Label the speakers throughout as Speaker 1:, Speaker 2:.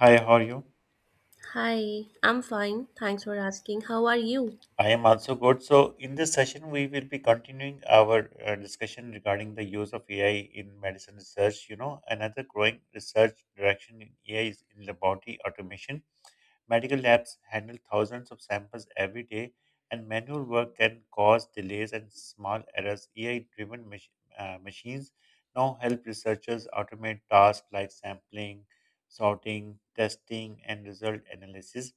Speaker 1: Hi, how are you?
Speaker 2: Hi, I'm fine. Thanks for asking. How are you?
Speaker 1: I am also good. So, in this session, we will be continuing our discussion regarding the use of AI in medicine research. You know, another growing research direction in AI is in laboratory automation. Medical labs handle thousands of samples every day, and manual work can cause delays and small errors. AI driven machines now help researchers automate tasks like sampling, sorting, testing, and result analysis.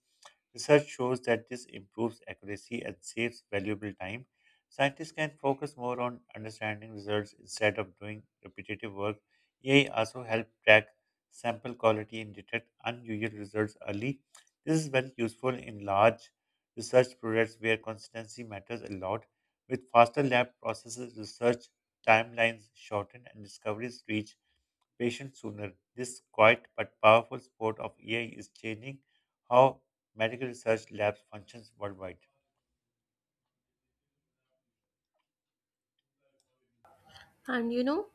Speaker 1: Research shows that this improves accuracy and saves valuable time. Scientists can focus more on understanding results instead of doing repetitive work. AI also helps track sample quality and detect unusual results early. This is very useful in large research projects where consistency matters a lot. With faster lab processes, research timelines shorten and discoveries reach patients sooner. This quiet but powerful support of AI is changing how medical research labs functions worldwide.
Speaker 2: And you know,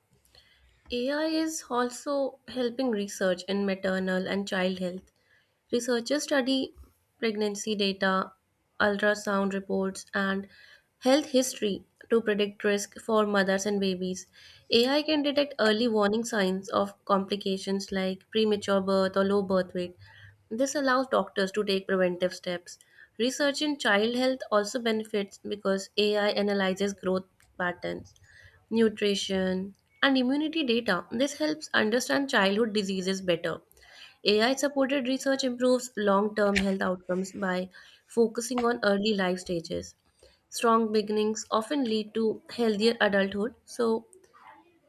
Speaker 2: AI is also helping research in maternal and child health. Researchers study pregnancy data, ultrasound reports, and health history to predict risk for mothers and babies. AI can detect early warning signs of complications like premature birth or low birth weight. This allows doctors to take preventive steps. Research in child health also benefits because AI analyzes growth patterns, nutrition, and immunity data. This helps understand childhood diseases better. AI supported research improves long term health outcomes by focusing on early life stages. Strong beginnings often lead to healthier adulthood, so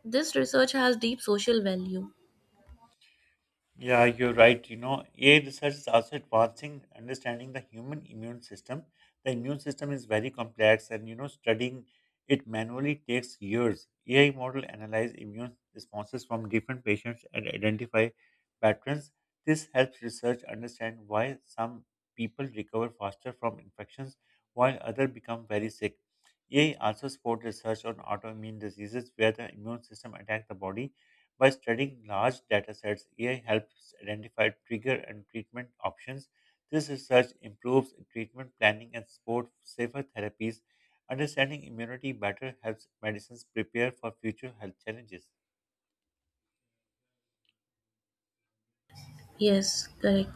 Speaker 2: this research has deep social value.
Speaker 1: Yeah, you're right. You know, AI research is also advancing understanding the human immune system. The immune system is very complex, and you know, studying it manually takes years. AI model analyze immune responses from different patients and identify patterns. This helps research understand why some people recover faster from infections while others become very sick. AI also support research on autoimmune diseases where the immune system attack the body. By studying large data sets, AI helps identify trigger and treatment options. This research improves treatment planning and supports safer therapies. Understanding immunity better helps medicines prepare for future health challenges.
Speaker 2: Yes, correct.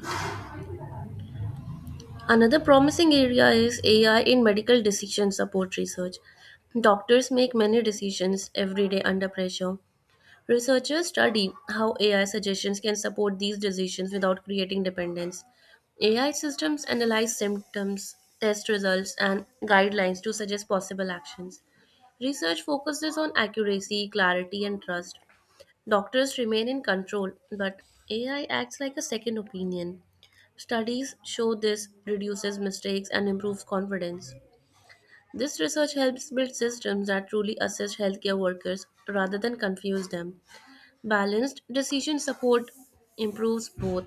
Speaker 2: Another promising area is AI in medical decision support research. Doctors make many decisions every day under pressure. Researchers study how AI suggestions can support these decisions without creating dependence. AI systems analyze symptoms, test results, and guidelines to suggest possible actions. Research focuses on accuracy, clarity, and trust. Doctors remain in control, but AI acts like a second opinion. Studies show this reduces mistakes and improves confidence. This research helps build systems that truly assist healthcare workers rather than confuse them. Balanced decision support improves both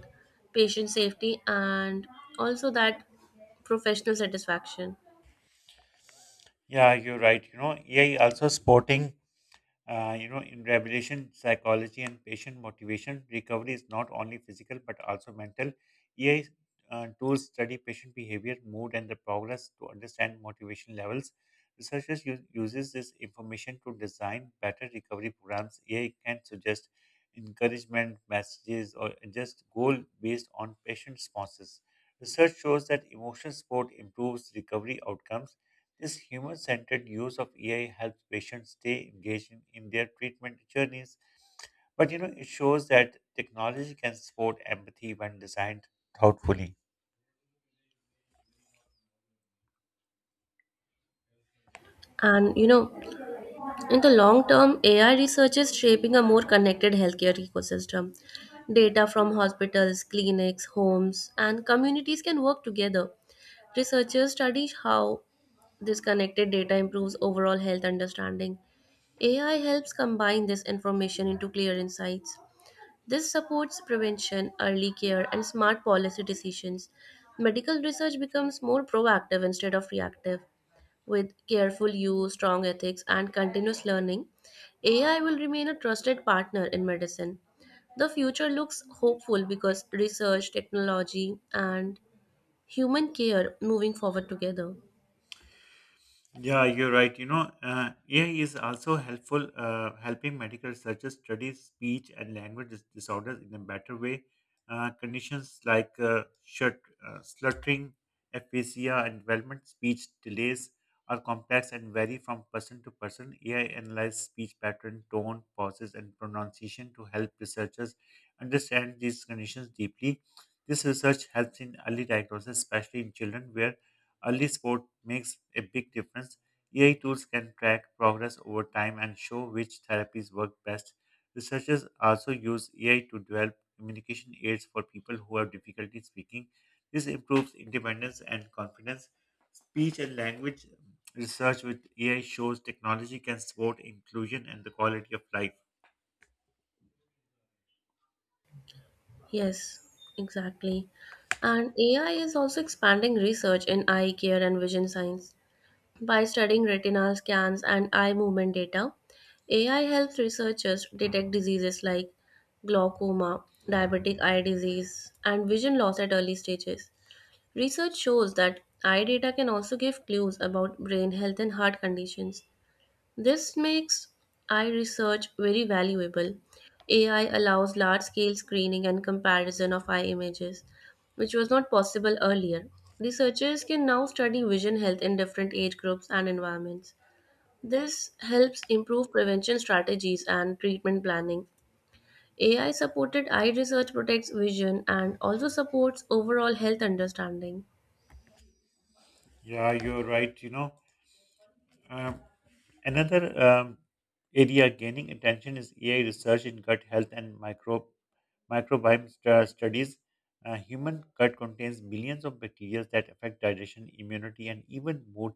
Speaker 2: patient safety and also that professional satisfaction.
Speaker 1: Yeah, you're right. You know, AI also supporting in rehabilitation psychology and patient motivation, recovery is not only physical but also mental. EI tools study patient behavior, mood, and the progress to understand motivation levels. Researchers uses this information to design better recovery programs. EI can suggest encouragement messages or just goal based on patient responses. Research shows that emotional support improves recovery outcomes. This human centered use of AI helps patients stay engaged in their treatment journeys, but you know, it shows that technology can support empathy when designed thoughtfully.
Speaker 2: And you know, in the long term, AI research is shaping a more connected healthcare ecosystem. Data from hospitals, clinics, homes, and communities can work together. Researchers study how this connected data improves overall health understanding. AI helps combine this information into clear insights. This supports prevention, early care, and smart policy decisions. Medical research becomes more proactive instead of reactive. With careful use, strong ethics, and continuous learning, AI will remain a trusted partner in medicine. The future looks hopeful because research, technology, and human care moving forward together.
Speaker 1: Yeah, you're right. You know, AI is also helpful helping medical researchers study speech and language disorders in a better way. Conditions like slurring, aphasia, and development speech delays are complex and vary from person to person. AI analyzes speech pattern, tone, pauses, and pronunciation to help researchers understand these conditions deeply. This research helps in early diagnosis, especially in children, where early sport makes a big difference. AI tools can track progress over time and show which therapies work best. Researchers also use AI to develop communication aids for people who have difficulty speaking. This improves independence and confidence. Speech and language research with AI shows technology can support inclusion and the quality of life.
Speaker 2: Yes, exactly. And AI is also expanding research in eye care and vision science. By studying retinal scans and eye movement data, AI helps researchers detect diseases like glaucoma, diabetic eye disease, and vision loss at early stages. Research shows that eye data can also give clues about brain health and heart conditions. This makes eye research very valuable. AI allows large scale screening and comparison of eye images, which was not possible earlier. Researchers can now study vision health in different age groups and environments. This helps improve prevention strategies and treatment planning. AI supported eye research protects vision and also supports overall health understanding.
Speaker 1: Yeah, you're right. You know, um, another area gaining attention is AI research in gut health and microbiome studies. Human gut contains billions of bacteria that affect digestion, immunity, and even mood.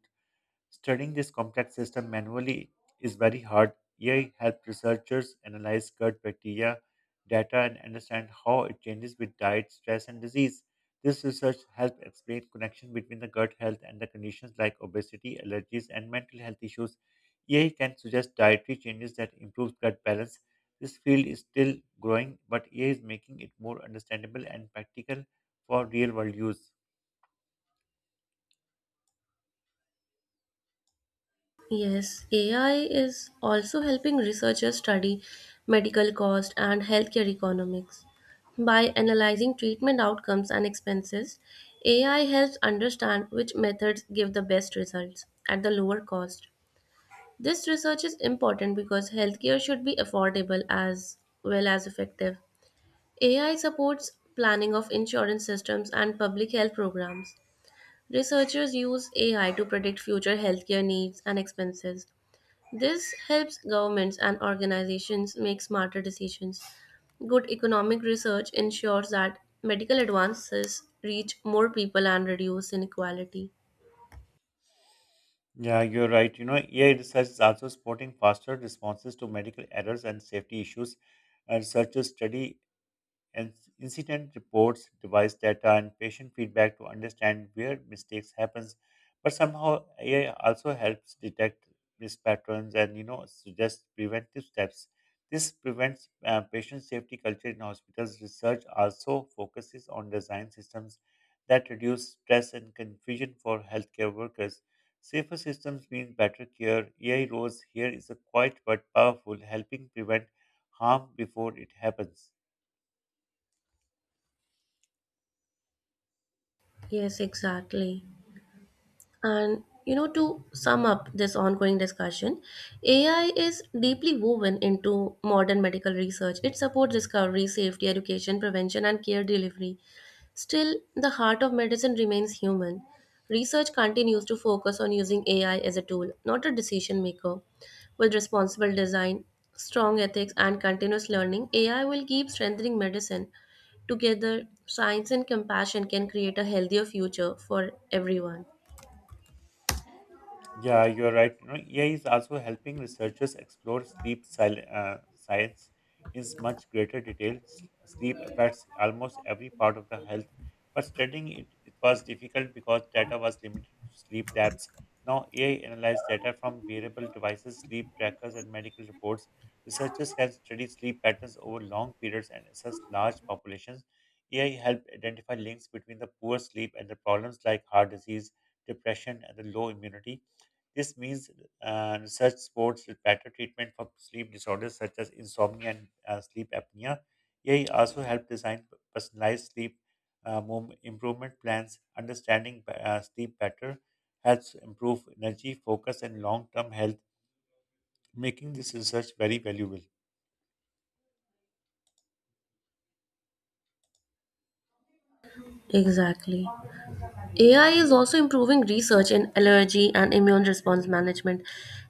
Speaker 1: Studying this complex system manually is very hard. AI helps researchers analyze gut bacteria data and understand how it changes with diet, stress, and disease. This research helps explain connection between the gut health and the conditions like obesity, allergies, and mental health issues. AI can suggest dietary changes that improve gut balance. This field is still growing, but AI is making it more understandable and practical for real world use.
Speaker 2: Yes, AI is also helping researchers study medical cost and healthcare economics. By analyzing treatment outcomes and expenses, AI helps understand which methods give the best results at the lower cost. This research is important because healthcare should be affordable as well as effective. AI supports planning of insurance systems and public health programs. Researchers use AI to predict future healthcare needs and expenses. This helps governments and organizations make smarter decisions. Good economic research ensures that medical advances reach more people and reduce inequality.
Speaker 1: Yeah, you're right. You know, AI research is also supporting faster responses to medical errors and safety issues. And researchers study and incident reports, device data, and patient feedback to understand where mistakes happens. But somehow AI also helps detect risk patterns and you know suggest preventive steps. This prevents patient safety culture in hospitals. Research also focuses on design systems that reduce stress and confusion for healthcare workers. Safer systems mean better care. AI roles here is a quiet but powerful, helping prevent harm before it happens.
Speaker 2: Yes, exactly. And you know, to sum up this ongoing discussion, AI is deeply woven into modern medical research. It supports discovery, safety, education, prevention, and care delivery. Still, the heart of medicine remains human. Research continues to focus on using AI as a tool, not a decision maker. With responsible design, strong ethics, and continuous learning, AI will keep strengthening medicine. Together, science and compassion can create a healthier future for everyone.
Speaker 1: Yeah, you're right. You know, AI is also helping researchers explore science in much greater detail. Sleep affects almost every part of the health, but studying it was difficult because data was limited to sleep labs. Now, AI analyzes data from wearable devices, sleep trackers, and medical reports. Researchers can study sleep patterns over long periods and assess large populations. AI helped identify links between the poor sleep and the problems like heart disease, depression, and the low immunity. This means such sports with better treatment for sleep disorders such as insomnia and sleep apnea. AI also help design personalized sleep improvement plans. Understanding sleep better helps improve energy, focus, and long-term health, making this research very valuable.
Speaker 2: Exactly. AI is also improving research in allergy and immune response management.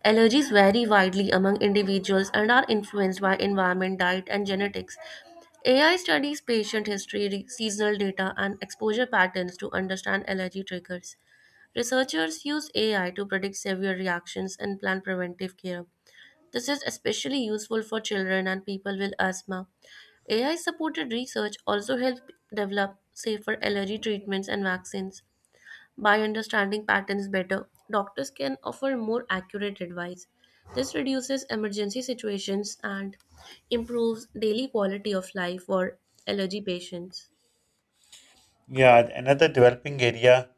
Speaker 2: Allergies vary widely among individuals and are influenced by environment, diet, and genetics. AI studies patient history, seasonal data, and exposure patterns to understand allergy triggers. Researchers use AI to predict severe reactions and plan preventive care. This is especially useful for children and people with asthma. AI supported research also helped develop safer allergy treatments and vaccines. By understanding patterns better, doctors can offer more accurate advice. This reduces emergency situations and improves daily quality of life for allergy patients.
Speaker 1: Yeah, another developing area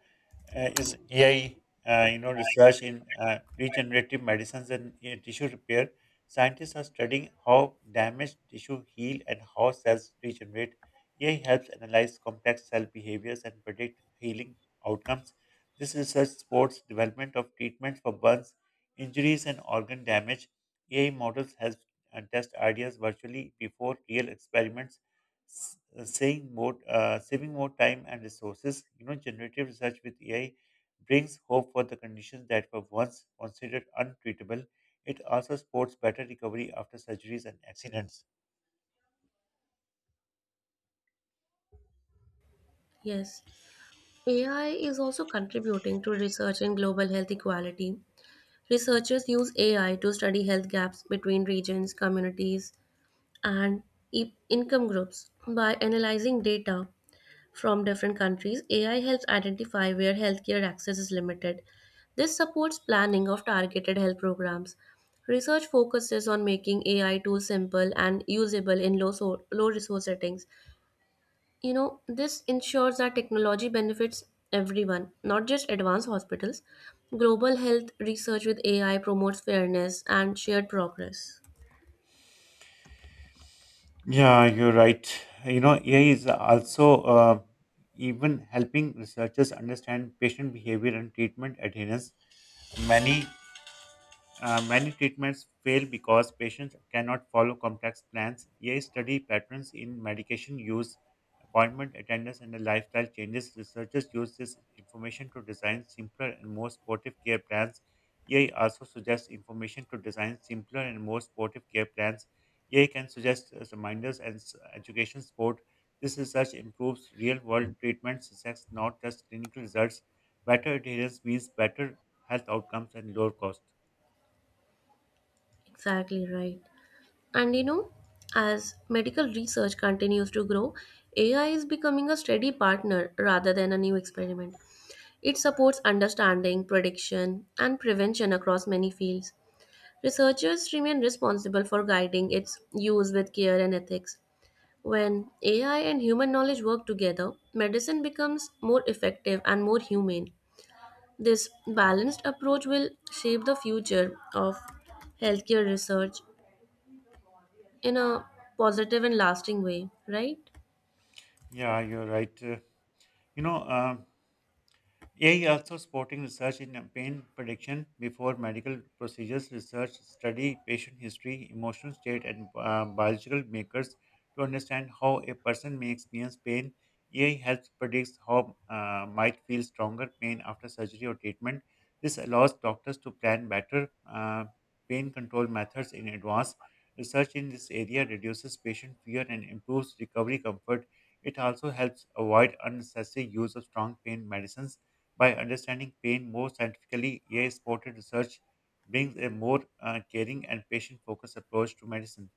Speaker 1: is AI, research in regenerative medicines and tissue repair. Scientists are studying how damaged tissue heal and how cells regenerate. AI helps analyze complex cell behaviors and predict healing outcomes. This research supports development of treatments for burns, injuries, and organ damage. AI models help test ideas virtually before real experiments saving more time and resources. You know, generative research with AI brings hope for the conditions that were once considered untreatable. It also supports better recovery after surgeries and accidents.
Speaker 2: Yes. AI is also contributing to research in global health equality. Researchers use AI to study health gaps between regions, communities, and income groups. By analyzing data from different countries, AI helps identify where healthcare access is limited. This supports planning of targeted health programs. Research focuses on making AI tools simple and usable in low resource settings. You know, this ensures that technology benefits everyone, not just advanced hospitals. Global health research with AI promotes fairness and shared progress.
Speaker 1: Yeah, you're right. You know, AI is also even helping researchers understand patient behavior and treatment adherence. Many many treatments fail because patients cannot follow complex plans. Yet, study patterns in medication use, appointment attendance, and the lifestyle changes. Researchers use this information to design simpler and more supportive care plans. AI also suggests information to design simpler and more supportive care plans. AI can suggest reminders and education support. This research improves real world treatment success, not just clinical results. Better adherence means better health outcomes and lower cost.
Speaker 2: Exactly right. And you know, as medical research continues to grow, AI is becoming a steady partner rather than a new experiment. It supports understanding, prediction, and prevention across many fields. Researchers remain responsible for guiding its use with care and ethics. When AI and human knowledge work together, medicine becomes more effective and more humane. This balanced approach will shape the future of healthcare research in a positive and lasting way, right?
Speaker 1: Yeah, you're right. You know, um AI also supporting research in pain prediction before medical procedures, research, study, patient history, emotional state, and biological makers to understand how a person may experience pain. AI helps predict how might feel stronger pain after surgery or treatment. This allows doctors to plan better pain control methods in advance. Research in this area reduces patient fear and improves recovery comfort. It also helps avoid unnecessary use of strong pain medicines by understanding pain more scientifically. AI supported research brings a more caring and patient focused approach to medicine.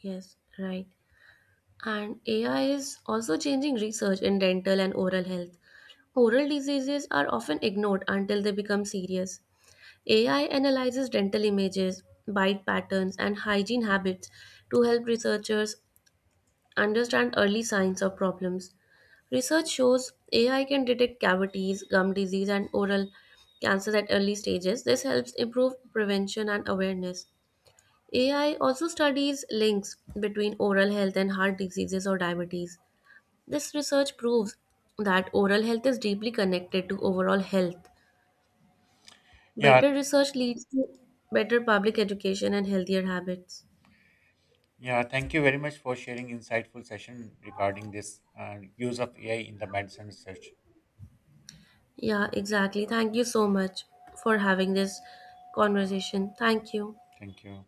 Speaker 2: Yes, right. And AI is also changing research in dental and oral health. Oral diseases are often ignored until they become serious. AI analyzes dental images, bite patterns, and hygiene habits to help researchers understand early signs of problems. Research shows AI can detect cavities, gum disease, and oral cancers at early stages. This helps improve prevention and awareness. AI also studies links between oral health and heart diseases or diabetes. This research proves that oral health is deeply connected to overall health.
Speaker 1: Yeah,
Speaker 2: Better research leads to better public education and healthier habits.
Speaker 1: yeah. Thank you very much for sharing insightful session regarding this use of AI in the medicine research.
Speaker 2: Yeah, exactly. Thank you so much for having this conversation. Thank you.
Speaker 1: Thank you.